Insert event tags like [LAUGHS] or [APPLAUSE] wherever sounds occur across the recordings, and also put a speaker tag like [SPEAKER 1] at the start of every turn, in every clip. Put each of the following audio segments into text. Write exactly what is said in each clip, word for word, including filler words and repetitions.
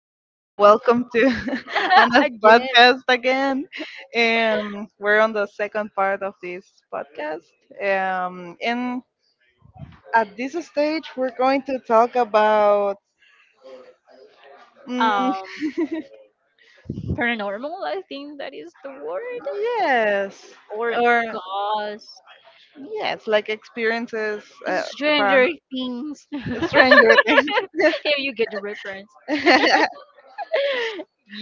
[SPEAKER 1] uh,
[SPEAKER 2] [LAUGHS]
[SPEAKER 1] welcome to [LAUGHS] Anna's
[SPEAKER 2] Again,
[SPEAKER 1] podcast again. Um, we're on the second part of this podcast. Um, and at this stage, we're going to talk about, mm,
[SPEAKER 2] um, paranormal, I think that is the word,
[SPEAKER 1] yes,
[SPEAKER 2] or
[SPEAKER 1] or
[SPEAKER 2] ghost,
[SPEAKER 1] yes, like experiences uh, from
[SPEAKER 2] stranger things, [LAUGHS] if
[SPEAKER 1] stranger
[SPEAKER 2] you get the reference.
[SPEAKER 1] things.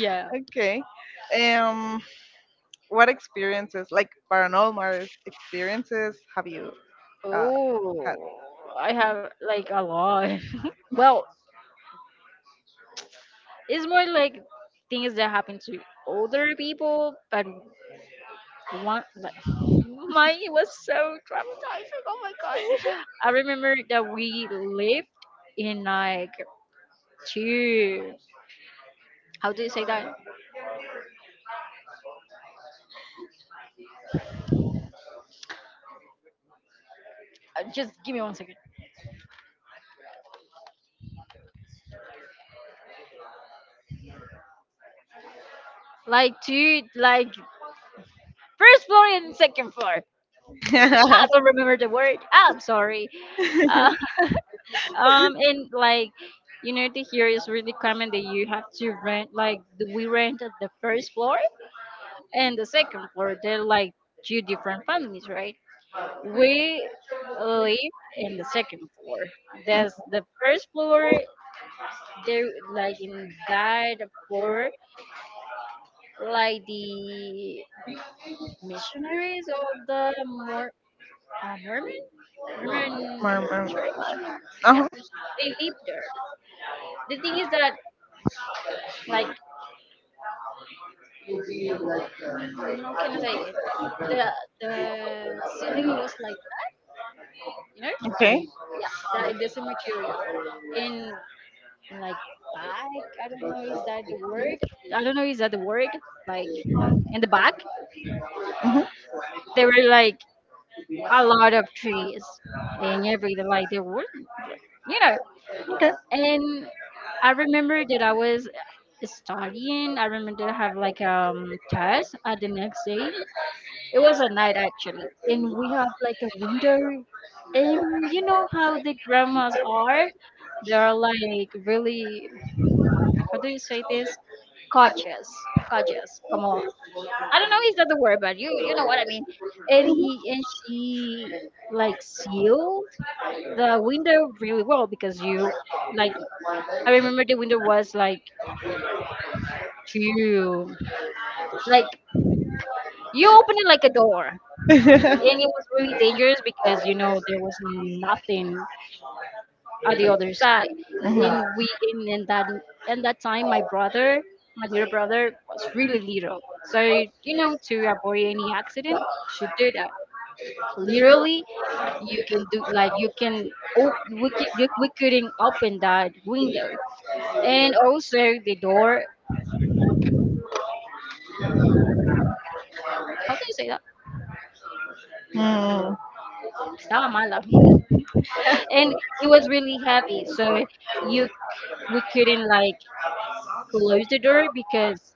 [SPEAKER 1] [LAUGHS] Okay. Um, what experiences, like paranormal experiences, have you uh,
[SPEAKER 2] Oh, I have like a lot. [LAUGHS] Well, it's more like things that happen to older people, but one like [LAUGHS] mine was so traumatizing. Oh my god! I remember that we lived in like two, how do you say that? Uh, Just give me one second. Like two, like first floor and second floor.
[SPEAKER 1] had?
[SPEAKER 2] I don't remember the word. Ah, I'm sorry. Uh, [LAUGHS] um, and like you know, the here is really common that you have to rent. Like we rent at the first floor and the second floor. They're like two different families, right? We live in the second floor. There's the first floor. They like in that floor, like the missionaries of the Mor- uh, Mormon
[SPEAKER 1] [LAUGHS]
[SPEAKER 2] Mormon
[SPEAKER 1] Paranormal.
[SPEAKER 2] Church. Yeah,
[SPEAKER 1] Uh-huh.
[SPEAKER 2] they live there. The thing is that, like, mm, how can I say it? The the ceiling it was like you know
[SPEAKER 1] Okay.
[SPEAKER 2] that this material in like back. I don't know is that the word. I don't know is that the word. Like in the back,
[SPEAKER 1] Uh huh.
[SPEAKER 2] there were like a lot of trees and everything. Like there were, you know,
[SPEAKER 1] Okay.
[SPEAKER 2] and I remember that I was studying. I remember I have like um test at the next day. It was a night actually, and we have like a window. And you know how the grandmas are? They are like really, how do you say this? Cautious, cautious. Come on. I don't know is that the word, but you you know what I mean. And he and she like sealed the window really well because you, like, I remember the window was like two, like, you open it like a door. And it was
[SPEAKER 1] [LAUGHS]
[SPEAKER 2] really dangerous because you know there was nothing at the
[SPEAKER 1] Mhm.
[SPEAKER 2] other side. And we in in that in that time my brother, my little brother, was really little. So you know, to avoid any accident, you should do that. Literally, you can do like you can, oh we could, you- we couldn't open that window and also the door. How do you say that?
[SPEAKER 1] Mm.
[SPEAKER 2] Estaba mala. [LAUGHS] And it was really heavy, so you, we couldn't like close the door because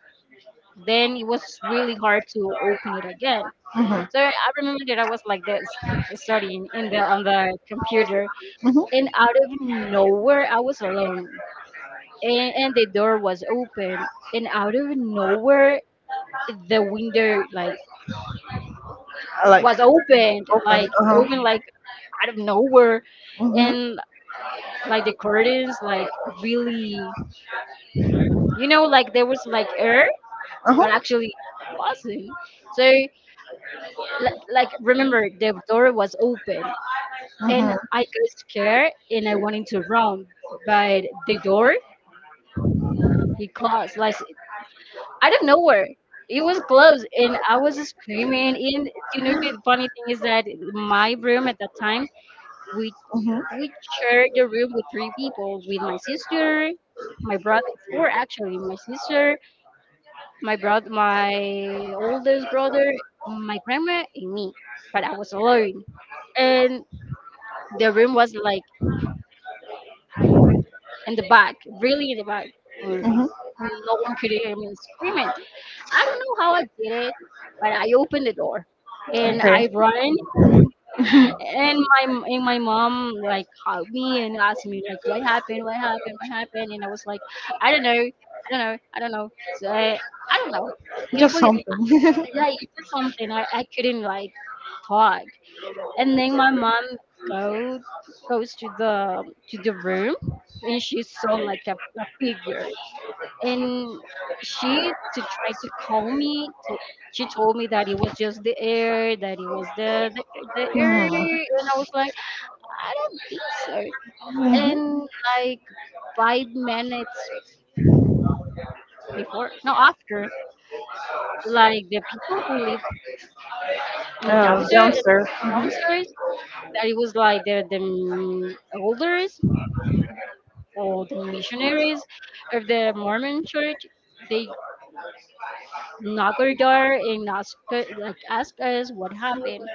[SPEAKER 2] then it was really hard to open it again.
[SPEAKER 1] Mhm.
[SPEAKER 2] So I remember that I was like this studying in the on the computer
[SPEAKER 1] Mhm.
[SPEAKER 2] and out of nowhere I was alone and, and the door was open and out of nowhere the window like
[SPEAKER 1] I like
[SPEAKER 2] was opened
[SPEAKER 1] open.
[SPEAKER 2] like
[SPEAKER 1] Uh-huh.
[SPEAKER 2] open, like out of nowhere,
[SPEAKER 1] Mhm.
[SPEAKER 2] and like the curtains like really, you know, like there was like air but actually wasn't. So
[SPEAKER 1] Uh-huh.
[SPEAKER 2] like like remember the door was open
[SPEAKER 1] Mm-hmm.
[SPEAKER 2] and I got scared and I wanted to run, but the door, it closed like out of nowhere. It was closed and I was screaming. And you know the funny thing is that my room at that time we
[SPEAKER 1] Mm-hmm.
[SPEAKER 2] we shared the room with three people with my sister, my brother, four actually, my sister, my brother, my oldest brother, my grandma and me. But I was alone and the room was like in the back, really in the back. Uh,
[SPEAKER 1] Mm-hmm.
[SPEAKER 2] no one could hear me screaming. I don't know how I did it, but I opened the door and
[SPEAKER 1] Okay.
[SPEAKER 2] I ran. And my, and my mom like called me and asked me like what happened, what happened, what happened, and I was like, I don't know, I don't know, I don't know. So I, I don't know. You know,
[SPEAKER 1] Just
[SPEAKER 2] but
[SPEAKER 1] something. [LAUGHS]
[SPEAKER 2] like
[SPEAKER 1] Mm-hmm.
[SPEAKER 2] something, I, I couldn't like talk. And then my mom go goes to the, to the room, and she saw like a, a figure, and she to try to calm me to, she told me that it was just the air, that it was the, the the air, and I was like, I don't think so.
[SPEAKER 1] Mm-hmm.
[SPEAKER 2] And like five minutes before, no after, like the people who live in
[SPEAKER 1] Uh,
[SPEAKER 2] downstairs,
[SPEAKER 1] downstairs.
[SPEAKER 2] downstairs, that it was like the the mm, older, so the missionaries of the Mormon Church, they knock our door and ask like ask us what happened,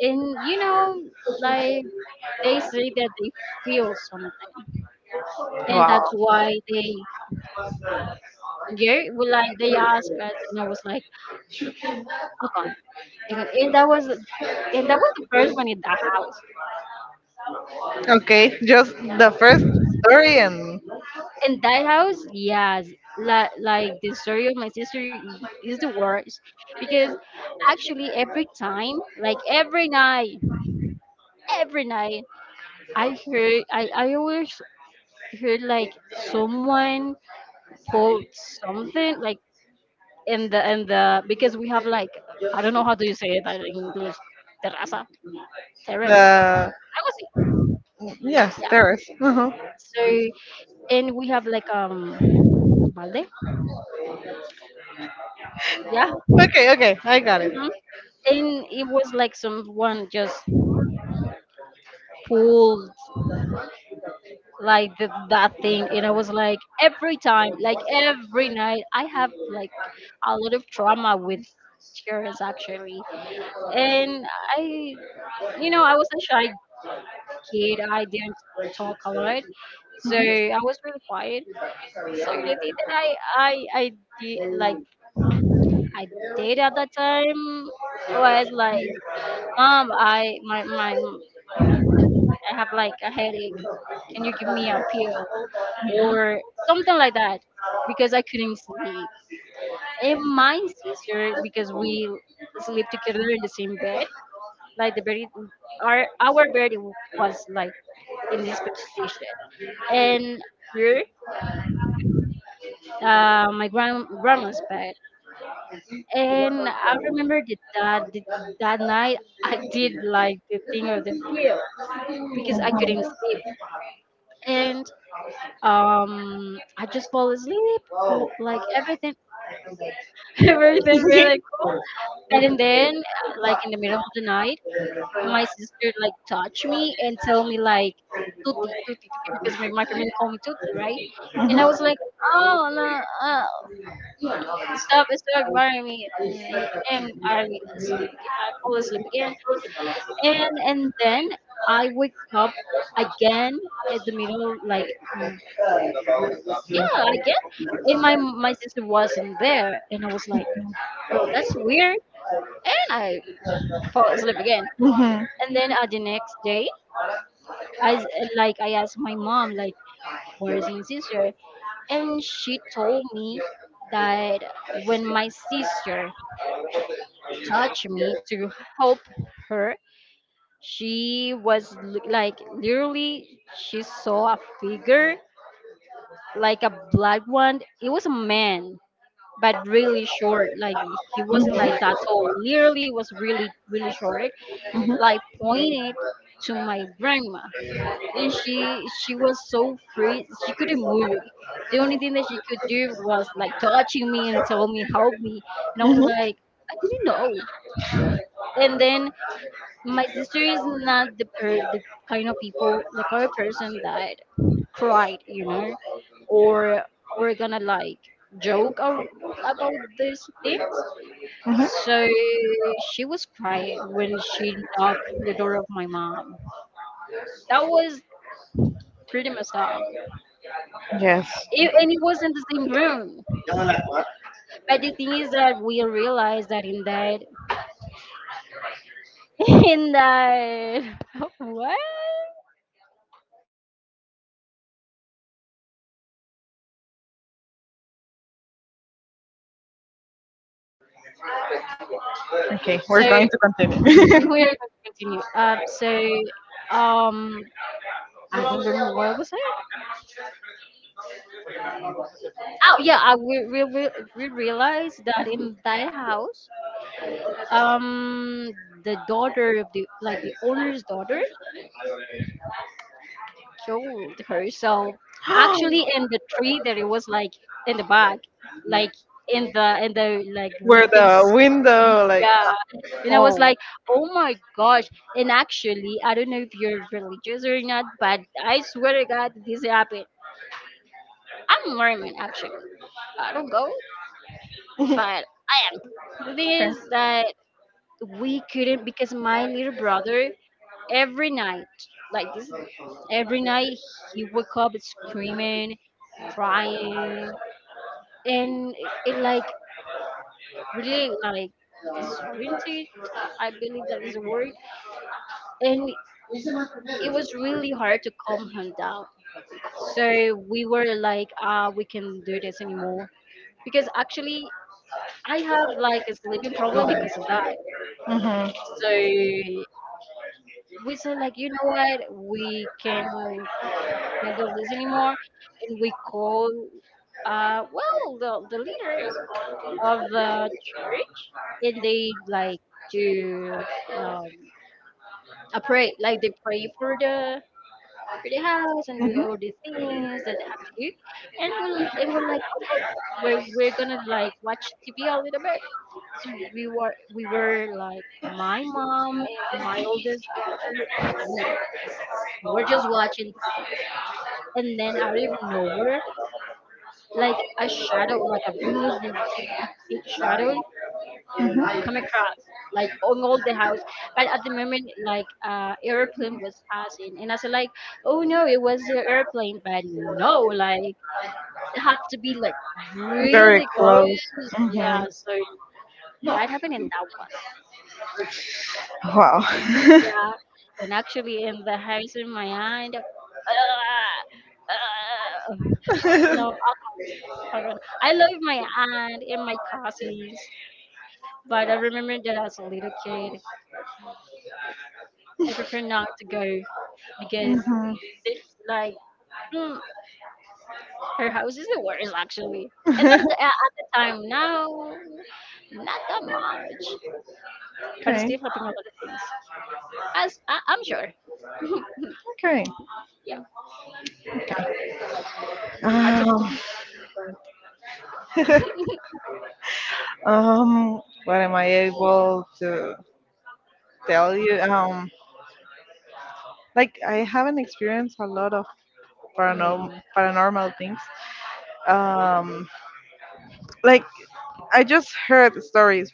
[SPEAKER 2] and you know, like they say that they feel something, and
[SPEAKER 1] Wow.
[SPEAKER 2] that's why they, yeah, well, like they ask us, and I was like, okay, okay, and that was and that was the first one in that house.
[SPEAKER 1] Okay, just the first story and
[SPEAKER 2] In that house, yes, like like the story of my sister is the worst because actually every time, like every night, every night I heard i, I always heard like someone quote something like in the in the because we have like, I don't know how do you say that in English, terraza, terrace,
[SPEAKER 1] the.
[SPEAKER 2] I was,
[SPEAKER 1] Yes,
[SPEAKER 2] yeah,
[SPEAKER 1] terrace. Uh huh.
[SPEAKER 2] so, and we have like um balde, yeah.
[SPEAKER 1] Okay, okay, I got it.
[SPEAKER 2] Mhm. And it was like someone just pulled like the, that thing, and I was like every time, like every night I have like a lot of trauma with tears actually. And I, you know, I was a shy kid. I didn't talk a lot, so I was really quiet. So the thing that I I I did like I did at that time was like, Mom, I my my I have like a headache. Can you give me a pill or something like that? Because I couldn't sleep. And my sister, because we sleep together in the same bed, like the bed, our our bed was like in this position. And here, uh, my grand grandma's bed, and I remember that that, that that night I did like the thing of the pill because I couldn't sleep. And um, I just fall asleep, cool, like everything, [LAUGHS] everything really cool. And then, uh, like in the middle of the night, my sister like touch me and tell me like, Tuti, Tuti, Tuti, because my, my family call me Tuti, right? And I was like, oh, no, uh, stop, stop, to me, mm, and I sleep. ag- I fall asleep again,
[SPEAKER 1] Mhm.
[SPEAKER 2] and and then I wake up again at the middle, like, mm, yeah, again. And my my sister wasn't there, and I was like, well, that's weird, and I fall asleep again.
[SPEAKER 1] Mhm.
[SPEAKER 2] And then uh, the next day, I s- like I asked my mom like, where is
[SPEAKER 1] Mhm.
[SPEAKER 2] my sister? And she told me that when my sister touched me to help her, she was l- like literally she saw a figure, like a black one. It was a man, but really short. Like he wasn't like that tall. Literally was really really short. Like pointed to my grandma, and she she was so free. She couldn't move. The only thing that she could do was like touching me and tell me help me, and I was like, I didn't know. And then my sister is not the per- the kind of people, the kind of person that cried, you know, or or gonna like joke a- about these things.
[SPEAKER 1] Mhm.
[SPEAKER 2] So she was crying when she knocked the door of my mom. That was pretty messed up. Yeah,
[SPEAKER 1] Yes.
[SPEAKER 2] it, and it was in the same room. But the thing is that we realized that in that [LAUGHS] in that [LAUGHS] what?
[SPEAKER 1] Okay, we're
[SPEAKER 2] So
[SPEAKER 1] going to continue.
[SPEAKER 2] We we
[SPEAKER 1] [LAUGHS]
[SPEAKER 2] are going to continue. Um, so, um, I don't remember what I was saying. Oh, yeah, I, we, we, we we realized that in that house, um, the daughter of the, like, the owner's daughter killed herself. Actually, in the tree that it was, like, in the back, like, in the, in the, like, we
[SPEAKER 1] Where
[SPEAKER 2] can
[SPEAKER 1] the
[SPEAKER 2] see,
[SPEAKER 1] window, like,
[SPEAKER 2] yeah. And I was
[SPEAKER 1] oh,
[SPEAKER 2] like, oh my gosh. And actually, I don't know if you're religious or not, but I swear to God, this happened. I'm Mormon actually. I don't go, but the thing
[SPEAKER 1] okay.
[SPEAKER 2] is that we couldn't because my little brother every night, like this, every night he woke up screaming, crying, and it, it like really like disoriented, I believe that is a word, and it was really hard to calm him down. So we were like, ah, we can do this anymore, because actually I have like a sleeping problem because of that.
[SPEAKER 1] Mhm.
[SPEAKER 2] So we said like, you know what, we can handle this anymore, and we call, uh, well, the the leaders of the church, and they like to um a pray, like they pray for the, for the house, and do
[SPEAKER 1] Mhm.
[SPEAKER 2] all the
[SPEAKER 1] Mhm.
[SPEAKER 2] things that they have to do, and we'll and we're like, oh, we're we're gonna like watch T V a little bit. So we were we were like my mom and my oldest brother me. We were just watching T V. And then out of nowhere, like a shadow, like a really, really big shadow come across, like on all the house. But at the moment, like uh airplane was passing. And I said like, oh no, it was the airplane. But no, like it have to be like
[SPEAKER 1] Very
[SPEAKER 2] really close.
[SPEAKER 1] close. Mhm.
[SPEAKER 2] Yeah, so that happened in that one.
[SPEAKER 1] Wow.
[SPEAKER 2] Yeah. And actually in the house in my mind, ah, ah, no,
[SPEAKER 1] [LAUGHS]
[SPEAKER 2] around. I love my aunt and my cousins, but I remember that as a little kid, I prefer not to go because
[SPEAKER 1] Mhm.
[SPEAKER 2] they like mm, her house is the worst actually. And I'm t-
[SPEAKER 1] [LAUGHS]
[SPEAKER 2] at at the time now, not that much, but it's
[SPEAKER 1] Okay.
[SPEAKER 2] still helping a lot of things. As I, I'm sure,
[SPEAKER 1] Okay.
[SPEAKER 2] yeah.
[SPEAKER 1] Um, [LAUGHS] Um, what am I able to tell you? Um, like I haven't experienced a lot of paranormal
[SPEAKER 2] Mm.
[SPEAKER 1] paranormal things. Um, like I just heard stories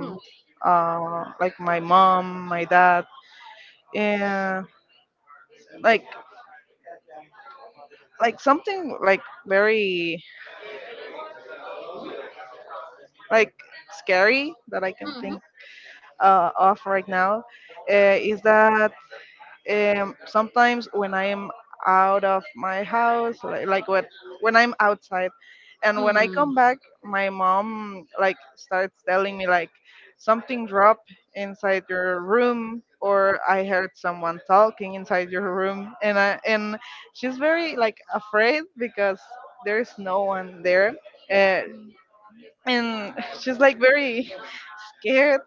[SPEAKER 2] Mm. Mhm.
[SPEAKER 1] uh like my mom, my dad, and like like something like very like scary that I can think uh, of right now, uh, is that, um, sometimes when I am out of my house, like, like when, when I'm outside,
[SPEAKER 2] Mm.
[SPEAKER 1] and when I
[SPEAKER 2] Mm.
[SPEAKER 1] come back, my mom like starts telling me like something dropped inside your room, or I heard someone talking inside your room. And I, and she's very like afraid because there's no one there, uh, and she's like very [LAUGHS] scared,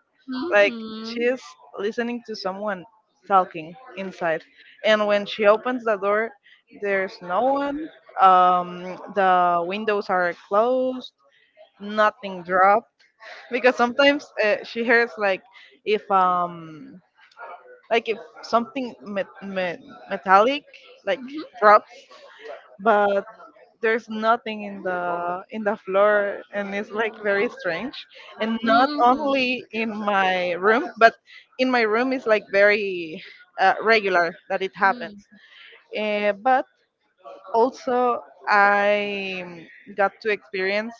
[SPEAKER 1] like she
[SPEAKER 2] Mhm.
[SPEAKER 1] is listening to someone talking inside, and when she opens the door there's no one. um the windows are closed, nothing dropped, because sometimes, uh, she hears like, if um like if something met- met- metallic like drops, but there's nothing in the in the floor, and it's like very strange. And not
[SPEAKER 2] Mhm.
[SPEAKER 1] only in my room, but in my room is like very uh, regular that it happens, uh, but also I got to experience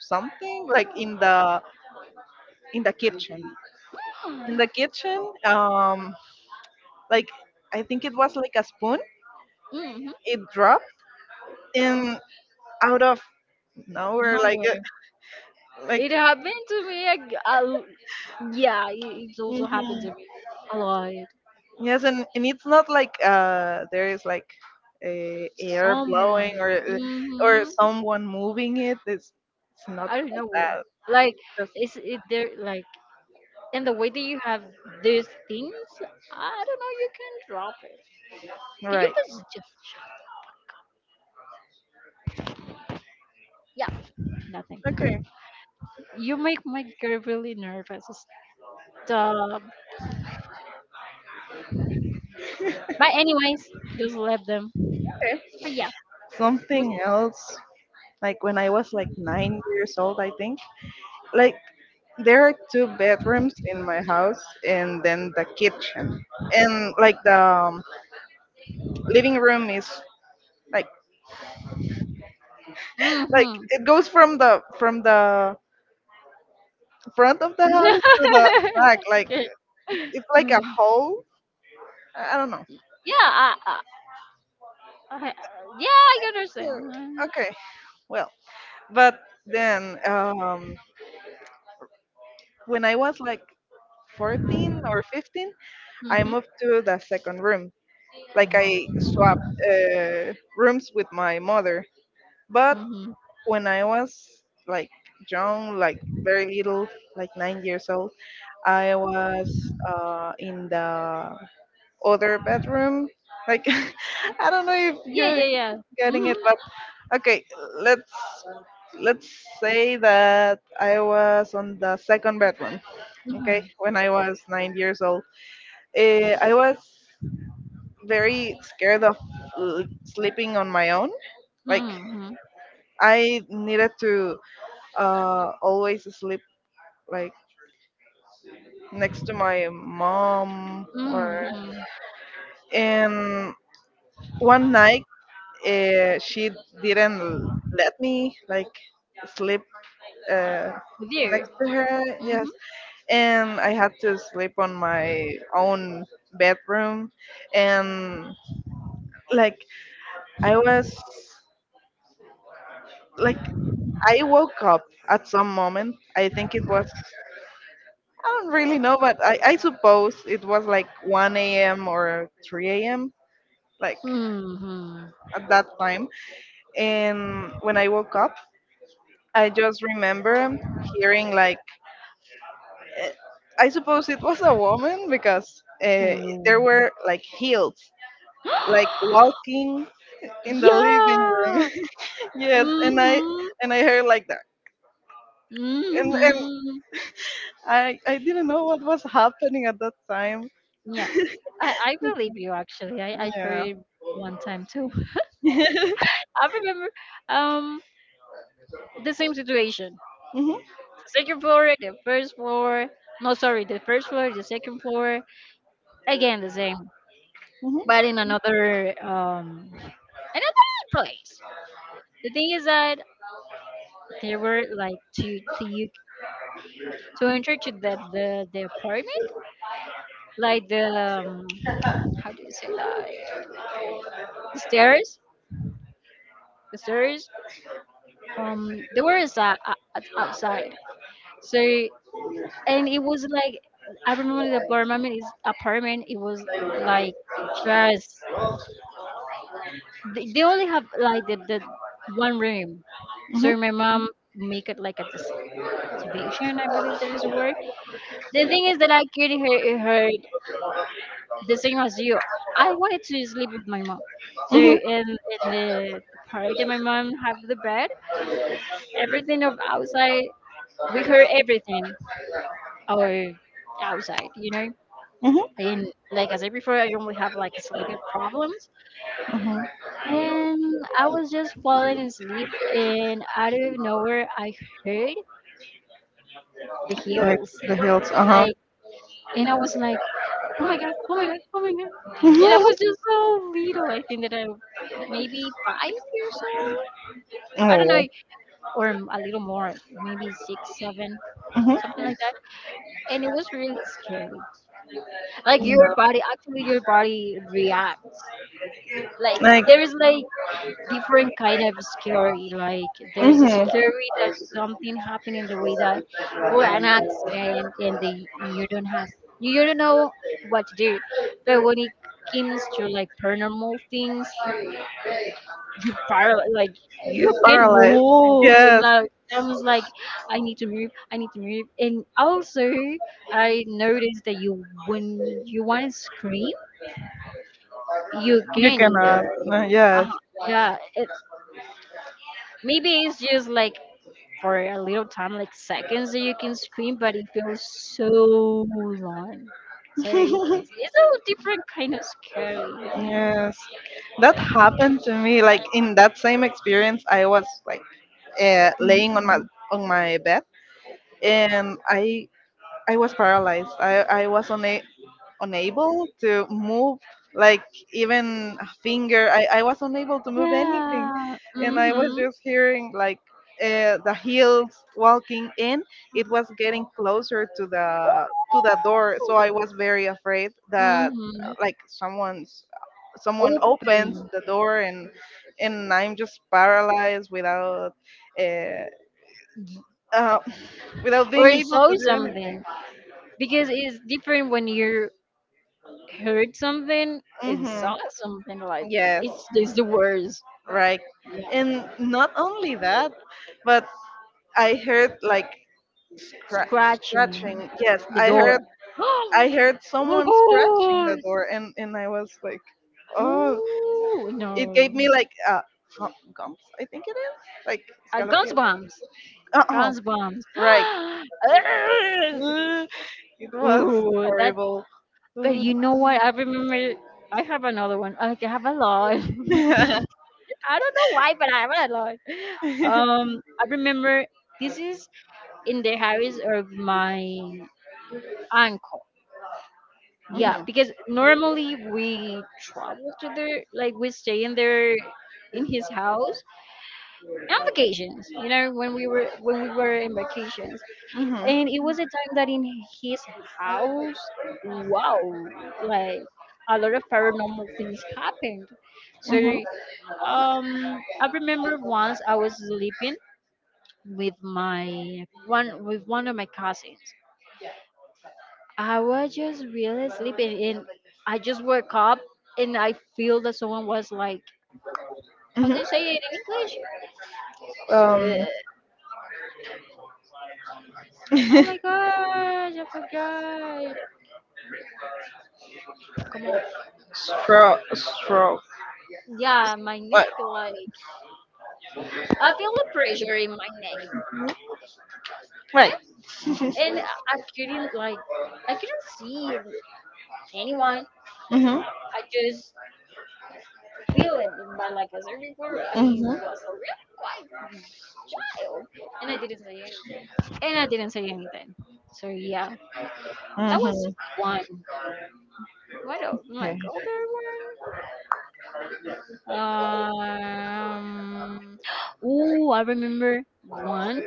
[SPEAKER 1] something like in the in the kitchen. In
[SPEAKER 2] Mhm.
[SPEAKER 1] the kitchen,
[SPEAKER 2] Mm.
[SPEAKER 1] um like I think it was like a spoon,
[SPEAKER 2] Hmm.
[SPEAKER 1] it dropped, and out of nowhere, like, uh,
[SPEAKER 2] Nowhere.
[SPEAKER 1] like
[SPEAKER 2] It happened to me. I, I, yeah, it, it's also happened
[SPEAKER 1] mhm,
[SPEAKER 2] to me a lot.
[SPEAKER 1] yes. And, and it's not like, uh, there is like uh, air
[SPEAKER 2] Someone.
[SPEAKER 1] blowing, or uh, or
[SPEAKER 2] Hmm.
[SPEAKER 1] someone moving it. It's it's not
[SPEAKER 2] I don't
[SPEAKER 1] like
[SPEAKER 2] know where.
[SPEAKER 1] that.
[SPEAKER 2] Like,
[SPEAKER 1] Just
[SPEAKER 2] is it there? Like, and the way that you have these things, I don't know. You can drop it. Can you
[SPEAKER 1] right.
[SPEAKER 2] please? ju- Yeah, nothing.
[SPEAKER 1] Okay.
[SPEAKER 2] You make my girl really nervous. Stop. But anyways, just let them.
[SPEAKER 1] Okay.
[SPEAKER 2] But yeah, was.
[SPEAKER 1] Something else. Like when I was like nine years old, I think. Like there are two bedrooms in my house, and then the kitchen, and like the um, living room is, like like
[SPEAKER 2] Hmm.
[SPEAKER 1] it goes from the from the front of the house to the back.
[SPEAKER 2] [LAUGHS]
[SPEAKER 1] Like,
[SPEAKER 2] Okay.
[SPEAKER 1] it's like a
[SPEAKER 2] Mm.
[SPEAKER 1] hole. I I don't know.
[SPEAKER 2] Yeah, I, I, I, yeah, I
[SPEAKER 1] Yeah,
[SPEAKER 2] understand.
[SPEAKER 1] okay, well, but then, um, when I was like fourteen or fifteen, I
[SPEAKER 2] Mm-hmm.
[SPEAKER 1] moved to the second room. Like I
[SPEAKER 2] Mm-hmm.
[SPEAKER 1] swapped uh, rooms with my mother. But
[SPEAKER 2] Mm-hmm.
[SPEAKER 1] when I was like young, like very little, like nine years old, I was, uh, in the other bedroom. Like [LAUGHS] I don't know if
[SPEAKER 2] Yeah,
[SPEAKER 1] you're
[SPEAKER 2] yeah, yeah.
[SPEAKER 1] getting it.
[SPEAKER 2] Mm-hmm.
[SPEAKER 1] Okay, let's let's say that I was on the second bedroom. Okay,
[SPEAKER 2] Mm-hmm.
[SPEAKER 1] when I was nine years old, Eh, I was very scared of l- sleeping on my own. Like
[SPEAKER 2] Mm-hmm.
[SPEAKER 1] I needed to uh, always sleep like next to my mom. or
[SPEAKER 2] Mm-hmm.
[SPEAKER 1] and one night uh, she didn't let me like sleep uh,
[SPEAKER 2] There.
[SPEAKER 1] next to her, yes,
[SPEAKER 2] Mm-hmm.
[SPEAKER 1] and I had to sleep on my own bedroom. And, like, I was like I woke up at some moment. I think it was, I don't really know, but I, I suppose it was like one a m or three a m, like
[SPEAKER 2] Mm-hmm.
[SPEAKER 1] at that time. And when I woke up, I just remember hearing like, eh, I suppose it was a woman because uh,
[SPEAKER 2] Oh.
[SPEAKER 1] there were like heels, like,
[SPEAKER 2] [GASPS]
[SPEAKER 1] walking in the living room.
[SPEAKER 2] Yeah.
[SPEAKER 1] [LAUGHS] Yes, and I
[SPEAKER 2] Mm-hmm.
[SPEAKER 1] and I heard like that, and and
[SPEAKER 2] Mm-hmm.
[SPEAKER 1] I I didn't know what was happening at that time.
[SPEAKER 2] Yeah, I, I believe you actually. I, I
[SPEAKER 1] Yeah.
[SPEAKER 2] heard one time too.
[SPEAKER 1] [LAUGHS]
[SPEAKER 2] [LAUGHS] I remember um the same situation.
[SPEAKER 1] Hmm.
[SPEAKER 2] The second floor, the first floor. No, sorry, the first floor, the second floor. Again, the same,
[SPEAKER 1] Hmm.
[SPEAKER 2] but in another um another place. The thing is that there were like to to you to enter to the the, the apartment, like the um, how do you say that, the stairs, the stairs. Um, there was a, a, outside. So and it was like I remember the apartment is apartment. It was like just they, they only have like the, the one room. So my mom make it like a distribution. I believe that is the word. The thing is that I couldn't hear her the same as you. I wanted to sleep with my mom. So
[SPEAKER 1] Hmm.
[SPEAKER 2] in in the part that my mom have the bed, everything of outside we heard everything, or outside, you know.
[SPEAKER 1] Hmm.
[SPEAKER 2] And like I said before, I normally have like sleeping problems,
[SPEAKER 1] Hmm.
[SPEAKER 2] and I was just falling asleep, and out of nowhere, I heard the
[SPEAKER 1] Like
[SPEAKER 2] heels,
[SPEAKER 1] the hills. Uh huh.
[SPEAKER 2] like, and I was like, oh my god, oh my god, oh my god, and I
[SPEAKER 1] Hmm.
[SPEAKER 2] was
[SPEAKER 1] [LAUGHS]
[SPEAKER 2] just so little. I think that I maybe five years old. I don't know,
[SPEAKER 1] Oh.
[SPEAKER 2] or m- a little more, maybe six, seven,
[SPEAKER 1] Hmm.
[SPEAKER 2] something like that. And it was really scary. Like your body, actually, your body reacts. Like
[SPEAKER 1] Like.
[SPEAKER 2] there's like different kind of scary. Like there is a
[SPEAKER 1] Hmm.
[SPEAKER 2] scary that something happened in the way that or an accident, and they you don't have you, you don't know what to do. But when it comes to like paranormal things, you par like you can
[SPEAKER 1] Paralyzed.
[SPEAKER 2] move and
[SPEAKER 1] Yes.
[SPEAKER 2] like I was like, I need to move, I need to move. And also I noticed that you when you wanna scream, you
[SPEAKER 1] You
[SPEAKER 2] can
[SPEAKER 1] cannot.
[SPEAKER 2] either.
[SPEAKER 1] Uh, Yes,
[SPEAKER 2] Uh-huh. Yeah. It, maybe it's just like for a little time, like seconds that you can scream, but it feels so long. So it's, it's a different kind of scary, you know.
[SPEAKER 1] yes. That happened to me. Like, in that same experience, I was like, uh, laying on my,
[SPEAKER 2] Mhm.
[SPEAKER 1] on my bed, and I I was paralyzed. I I was una unable to move, like, even a finger. I, I was unable to move anything.
[SPEAKER 2] Yeah.
[SPEAKER 1] And I was
[SPEAKER 2] Mhm.
[SPEAKER 1] just hearing like, uh, the heels walking in. It was getting closer to the, to the door, so I was very afraid that, uh,
[SPEAKER 2] Mhm.
[SPEAKER 1] like someone's someone opens
[SPEAKER 2] Open
[SPEAKER 1] the door, and and I'm just paralyzed without, uh, uh, [LAUGHS] without being
[SPEAKER 2] or
[SPEAKER 1] able
[SPEAKER 2] saw
[SPEAKER 1] to do
[SPEAKER 2] something,
[SPEAKER 1] anything.
[SPEAKER 2] because it's different when you heard something and
[SPEAKER 1] Hmm.
[SPEAKER 2] saw something. Like
[SPEAKER 1] Yes,
[SPEAKER 2] it's it's the worst.
[SPEAKER 1] right?
[SPEAKER 2] Yeah.
[SPEAKER 1] And not only that, but I heard like scra-
[SPEAKER 2] Scratching
[SPEAKER 1] scratching. Yes,
[SPEAKER 2] the
[SPEAKER 1] I heard
[SPEAKER 2] door. [GASPS]
[SPEAKER 1] I
[SPEAKER 2] Oh
[SPEAKER 1] heard
[SPEAKER 2] my
[SPEAKER 1] someone's the
[SPEAKER 2] god!
[SPEAKER 1] door, and and I was like, oh,
[SPEAKER 2] Ooh, no.
[SPEAKER 1] it gave me like, uh gum- gums. I think it is like,
[SPEAKER 2] Uh, guns bombs.
[SPEAKER 1] uh uh
[SPEAKER 2] Guns bombs. [GASPS]
[SPEAKER 1] right.
[SPEAKER 2] Ugh.
[SPEAKER 1] Uh, It was
[SPEAKER 2] Ooh, that.
[SPEAKER 1] horrible.
[SPEAKER 2] But you know what? I remember. I have another one. Okay, I have a lot. [LAUGHS]
[SPEAKER 1] [LAUGHS]
[SPEAKER 2] I don't know why, but I have a lot. Um, I remember this is in the house of my uncle. Yeah,
[SPEAKER 1] Mhm,
[SPEAKER 2] because normally we travel to their, like we stay in their, in his house on vacations. You know, when we were when we were in vacations,
[SPEAKER 1] mhm,
[SPEAKER 2] and it was a time that in his house, wow, like a lot of paranormal things happened. So
[SPEAKER 1] mhm,
[SPEAKER 2] um I remember once I was sleeping with my one with one of my cousins. I was just really sleeping, and I just woke up, and I feel that someone was like, how do
[SPEAKER 1] mhm.
[SPEAKER 2] you say it in English?
[SPEAKER 1] Um,
[SPEAKER 2] uh, oh my
[SPEAKER 1] [LAUGHS]
[SPEAKER 2] gosh, I forgot, come on.
[SPEAKER 1] stroke, stroke.
[SPEAKER 2] Yeah, my
[SPEAKER 1] What?
[SPEAKER 2] neck, like, I feel a pressure in my neck.
[SPEAKER 1] Right.
[SPEAKER 2] Okay, and I couldn't like I couldn't see an- anyone.
[SPEAKER 1] Mhm.
[SPEAKER 2] I just feel it. But like I said before, I
[SPEAKER 1] Mhm.
[SPEAKER 2] was a really quiet child, and I didn't say anything. And I didn't say anything. So yeah, that was
[SPEAKER 1] Mhm.
[SPEAKER 2] one. What else? Like
[SPEAKER 1] Okay.
[SPEAKER 2] older one. Um. [GASPS] Ooh, I remember one.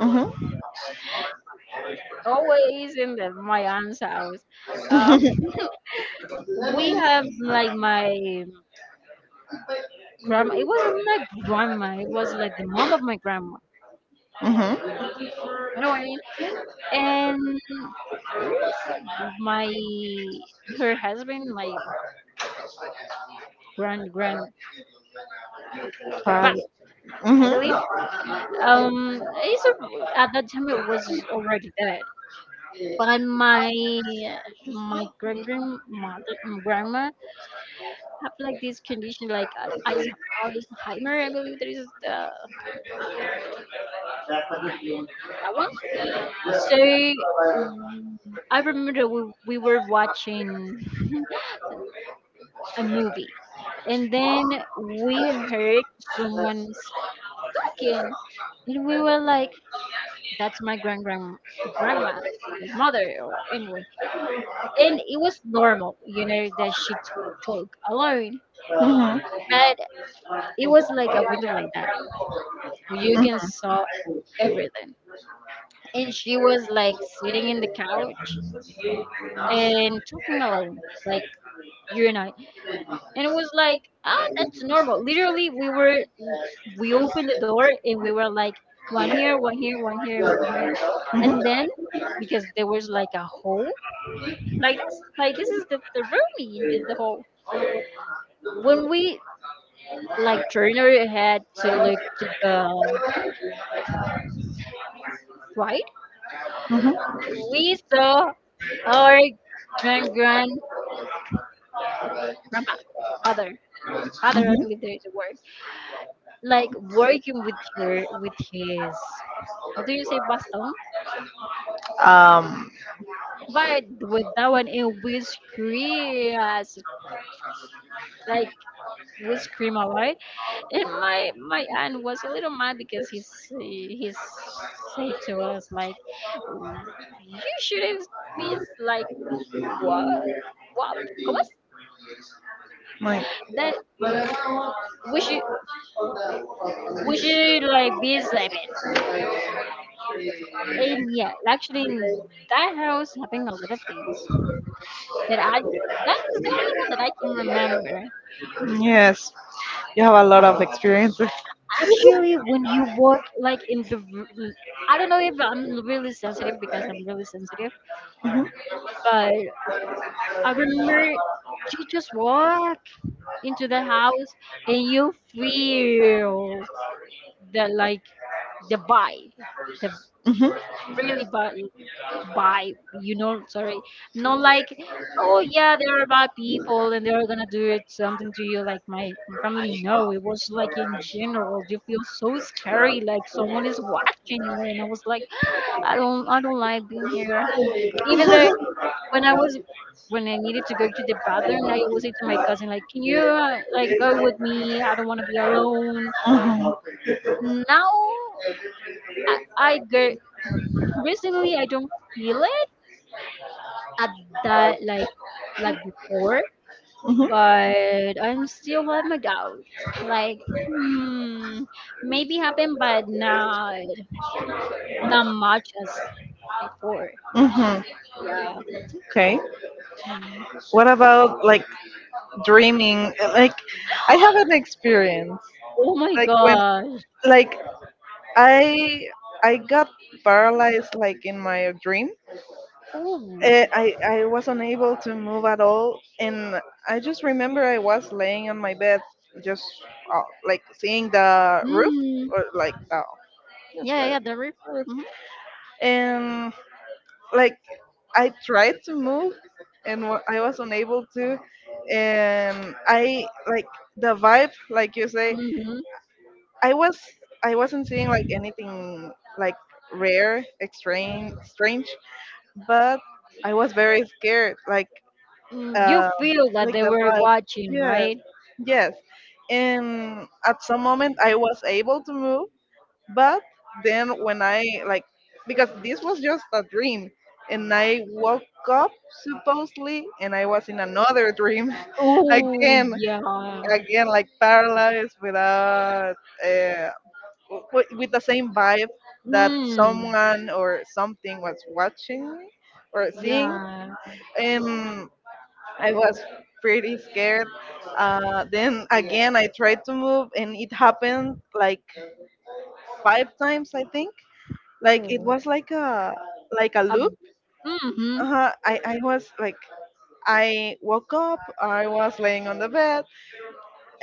[SPEAKER 1] Mhm.
[SPEAKER 2] Always in the my aunt's house. Um.
[SPEAKER 1] Mhm.
[SPEAKER 2] We have like my grandma. It wasn't my grandma. It was like the mom of my grandma.
[SPEAKER 1] Mhm.
[SPEAKER 2] You know what I mean? And my her husband, my grand grand
[SPEAKER 1] [LAUGHS]
[SPEAKER 2] grandpa,
[SPEAKER 1] Five. Mhm. Mhm.
[SPEAKER 2] I believe.
[SPEAKER 1] Mhm.
[SPEAKER 2] Um, it's a, at that time it was already dead. But my my grand grandmother grandma have like this condition, like uh, Alzheimer. I believe there is the
[SPEAKER 1] Mhm.
[SPEAKER 2] that one. So mm, I remember we, we were watching [LAUGHS] a movie, and then we heard someone speaking, and we were like, that's my grand grand grandma, my mother or anyway. And it was normal, you know, that she t- talk alone,
[SPEAKER 1] Mhm.
[SPEAKER 2] but it was like a window like that, where you can saw everything. And she was like sitting in the couch and talking alone, like you and I, and it was like, ah that's normal, literally. We were we opened the door and we were like, one here, one here, one here, and one here, and then because there was like a hole, like this, like this is the, the room in the, the hole, when we like turned our head to look to the right, we saw our grand grand grandpa father father I believe there is a word, like working with her with his, how do you say, baston.
[SPEAKER 1] Um,
[SPEAKER 2] But with that one, it was cream, yes, like was cream, all right. And my my aunt was a little mad because he's he's say to us like, you shouldn't be like, what what come on,
[SPEAKER 1] like
[SPEAKER 2] that we should we should like be sleeping. And yeah, actually in that house happened a lot of things, that I that is the only one that I can remember.
[SPEAKER 1] Yes, you have a lot of experiences.
[SPEAKER 2] Actually when you work like in the r- I don't know if I'm really sensitive, because I'm really sensitive,
[SPEAKER 1] Mhm,
[SPEAKER 2] but I remember you just walk into the house and you feel the like the vibe, the
[SPEAKER 1] mhm,
[SPEAKER 2] really vibe, by you know, sorry, not like, oh yeah, they're bad people and they're gonna do it something to you, like my my family. No, it was like in general you feel so scary, like someone is watching you, and I was like, [GASPS] i don't i don't like being here, even though when I was when I needed to go to the bathroom, I always say to my cousin like, can you uh, like go with me, I don't want to be alone. Now i, I go recently, I don't feel it at that, like like before,
[SPEAKER 1] mhm,
[SPEAKER 2] but I'm still have my doubts. Like, hmm, maybe happen, but not that much as before.
[SPEAKER 1] mhm.
[SPEAKER 2] Yeah.
[SPEAKER 1] Okay.
[SPEAKER 2] Mm.
[SPEAKER 1] What about like dreaming? Like, I have an experience
[SPEAKER 2] Oh my
[SPEAKER 1] when,
[SPEAKER 2] gosh.
[SPEAKER 1] like, I I got paralyzed, like, in my dream.
[SPEAKER 2] Oh.
[SPEAKER 1] eh, I, I was unable to move at all. And I just remember I was laying on my bed, just, uh, like, seeing the roof,
[SPEAKER 2] Mm.
[SPEAKER 1] or like the, yes,
[SPEAKER 2] Yeah,
[SPEAKER 1] the
[SPEAKER 2] yeah, the rip.
[SPEAKER 1] roof.
[SPEAKER 2] Hmm.
[SPEAKER 1] And, like, I tried to move, and wa- I was unable to. And I, like, the vibe, like you say,
[SPEAKER 2] Hmm.
[SPEAKER 1] I was I wasn't seeing like anything like rare, extreme, strange, but I was very scared. Like,
[SPEAKER 2] Mm, you
[SPEAKER 1] uh,
[SPEAKER 2] feel that they
[SPEAKER 1] was
[SPEAKER 2] were
[SPEAKER 1] like,
[SPEAKER 2] watching,
[SPEAKER 1] yes,
[SPEAKER 2] right?
[SPEAKER 1] yes. And at some moment I was able to move, but then when I, like, because this was just a dream, and I woke up, supposedly, and I was in another dream, [LAUGHS]
[SPEAKER 2] Oh
[SPEAKER 1] again,
[SPEAKER 2] yeah.
[SPEAKER 1] again, like, paralyzed without, uh, w- w- with the same vibe that
[SPEAKER 2] Mm.
[SPEAKER 1] someone or something was watching me or seeing.
[SPEAKER 2] Yeah.
[SPEAKER 1] Um, I was pretty scared. Uh, then again, I tried to move, and it happened like five times, I think. Like, it
[SPEAKER 2] Oh.
[SPEAKER 1] was like a like a
[SPEAKER 2] A
[SPEAKER 1] loop.
[SPEAKER 2] mm-hmm.
[SPEAKER 1] Uh-huh. I I was, like, I woke up. I was laying on the bed,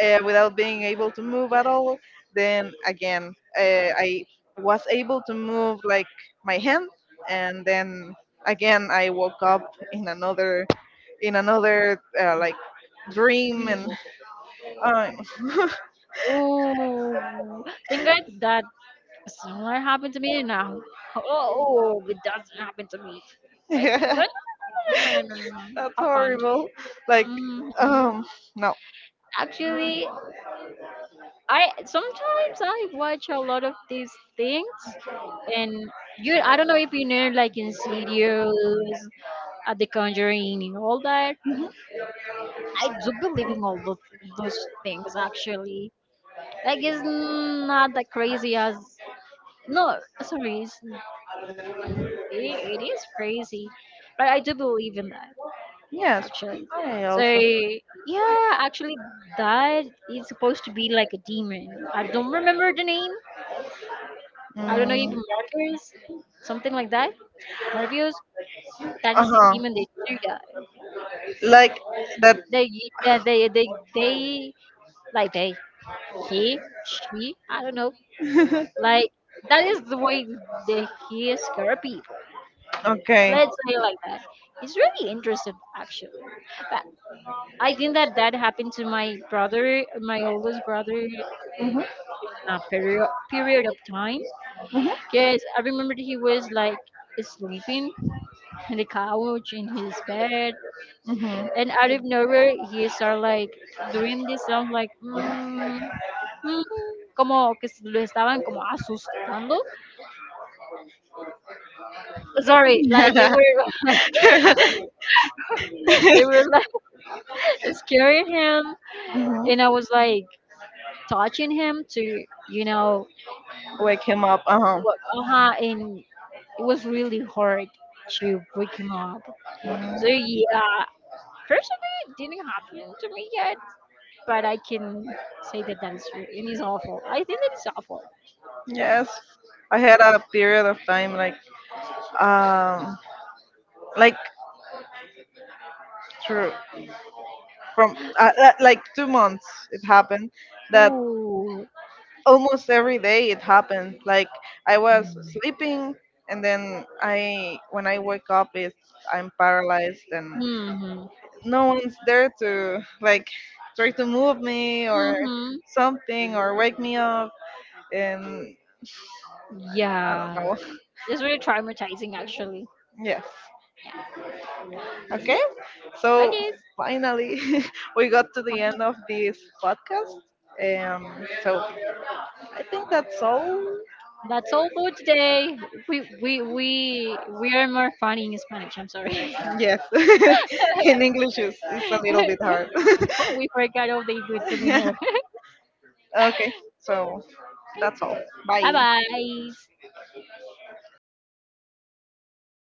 [SPEAKER 1] uh, without being able to move at all. Then again, uh, I was able to move, like, my hand, and then again I woke up in another, in another uh, like, dream,
[SPEAKER 2] Really?
[SPEAKER 1] and I [LAUGHS]
[SPEAKER 2] Oh, think I, that similar happened to me now. Oh, oh, it doesn't happen to me. Like
[SPEAKER 1] yeah,
[SPEAKER 2] no, no, no, no, no, no, no, no, no, no, no.
[SPEAKER 1] that's
[SPEAKER 2] I can't.
[SPEAKER 1] horrible. Like,
[SPEAKER 2] Hmm.
[SPEAKER 1] um, no.
[SPEAKER 2] Actually, I sometimes I watch a lot of these things, and you. I don't know if you know, like Insidious, uh, The Conjuring, and all that. I do believe in all those those things actually. Like it's not that crazy as no, sorry, it's, it, it is crazy, but I do believe in that
[SPEAKER 1] Yes,
[SPEAKER 2] actually.
[SPEAKER 1] I
[SPEAKER 2] So
[SPEAKER 1] also.
[SPEAKER 2] yeah, actually, that is supposed to be like a demon. I don't remember the name. I don't know if
[SPEAKER 1] Mm,
[SPEAKER 2] markers, something like that. Morpheus, that
[SPEAKER 1] uh
[SPEAKER 2] is the
[SPEAKER 1] huh.
[SPEAKER 2] demon they do that.
[SPEAKER 1] Like that.
[SPEAKER 2] They that they they they like they he she, I don't know,
[SPEAKER 1] [LAUGHS]
[SPEAKER 2] like that is the way that he scare people.
[SPEAKER 1] Okay.
[SPEAKER 2] Let's say like that, he's really interested actually, but I think that that happened to my brother, my oldest brother,
[SPEAKER 1] Mhm.
[SPEAKER 2] in a period period of time.
[SPEAKER 1] Mhm.
[SPEAKER 2] Yes, I remember he was like sleeping in the couch, in his bed,
[SPEAKER 1] Mhm.
[SPEAKER 2] and out of nowhere he started like doing this sound like mm, mm, como que se lo estaban como asustando. Sorry, like they were
[SPEAKER 1] [LAUGHS]
[SPEAKER 2] [LAUGHS] they were like [LAUGHS] scaring him,
[SPEAKER 1] Mhm.
[SPEAKER 2] and I was like touching him to you know
[SPEAKER 1] Wake him up. Uh huh.
[SPEAKER 2] work on her, and it was really hard to wake him up. So yeah, personally it didn't happen to me yet, but I can say that that is true, and it's awful, I think that it's awful.
[SPEAKER 1] Yes, I had a period of time, like, um like, through from, uh, uh, like, two months. It happened that
[SPEAKER 2] Ooh.
[SPEAKER 1] almost every day it happened, like, I was sleeping, and then I when I wake up, it's, I'm paralyzed, and
[SPEAKER 2] Mm-hmm.
[SPEAKER 1] no one's there to, like, try to move me or
[SPEAKER 2] Mm-hmm.
[SPEAKER 1] something or wake me up, and I don't
[SPEAKER 2] Yeah.
[SPEAKER 1] know.
[SPEAKER 2] It's really traumatizing actually.
[SPEAKER 1] [LAUGHS] Yes.
[SPEAKER 2] Yeah. Yeah,
[SPEAKER 1] Okay,
[SPEAKER 2] I
[SPEAKER 1] so,
[SPEAKER 2] guess.
[SPEAKER 1] finally, [LAUGHS] we got to the
[SPEAKER 2] Well,
[SPEAKER 1] end of this podcast. Um so, I think that's all.
[SPEAKER 2] that's all for today. We we we we are more funny in Spanish, I'm sorry.
[SPEAKER 1] Yes. [LAUGHS] In English is, is a little bit
[SPEAKER 2] [LAUGHS]
[SPEAKER 1] hard.
[SPEAKER 2] Oh, we forgot all the good winner.
[SPEAKER 1] [LAUGHS]
[SPEAKER 2] [LAUGHS]
[SPEAKER 1] Okay, so that's all.
[SPEAKER 2] Bye
[SPEAKER 1] Bye.
[SPEAKER 2] bye.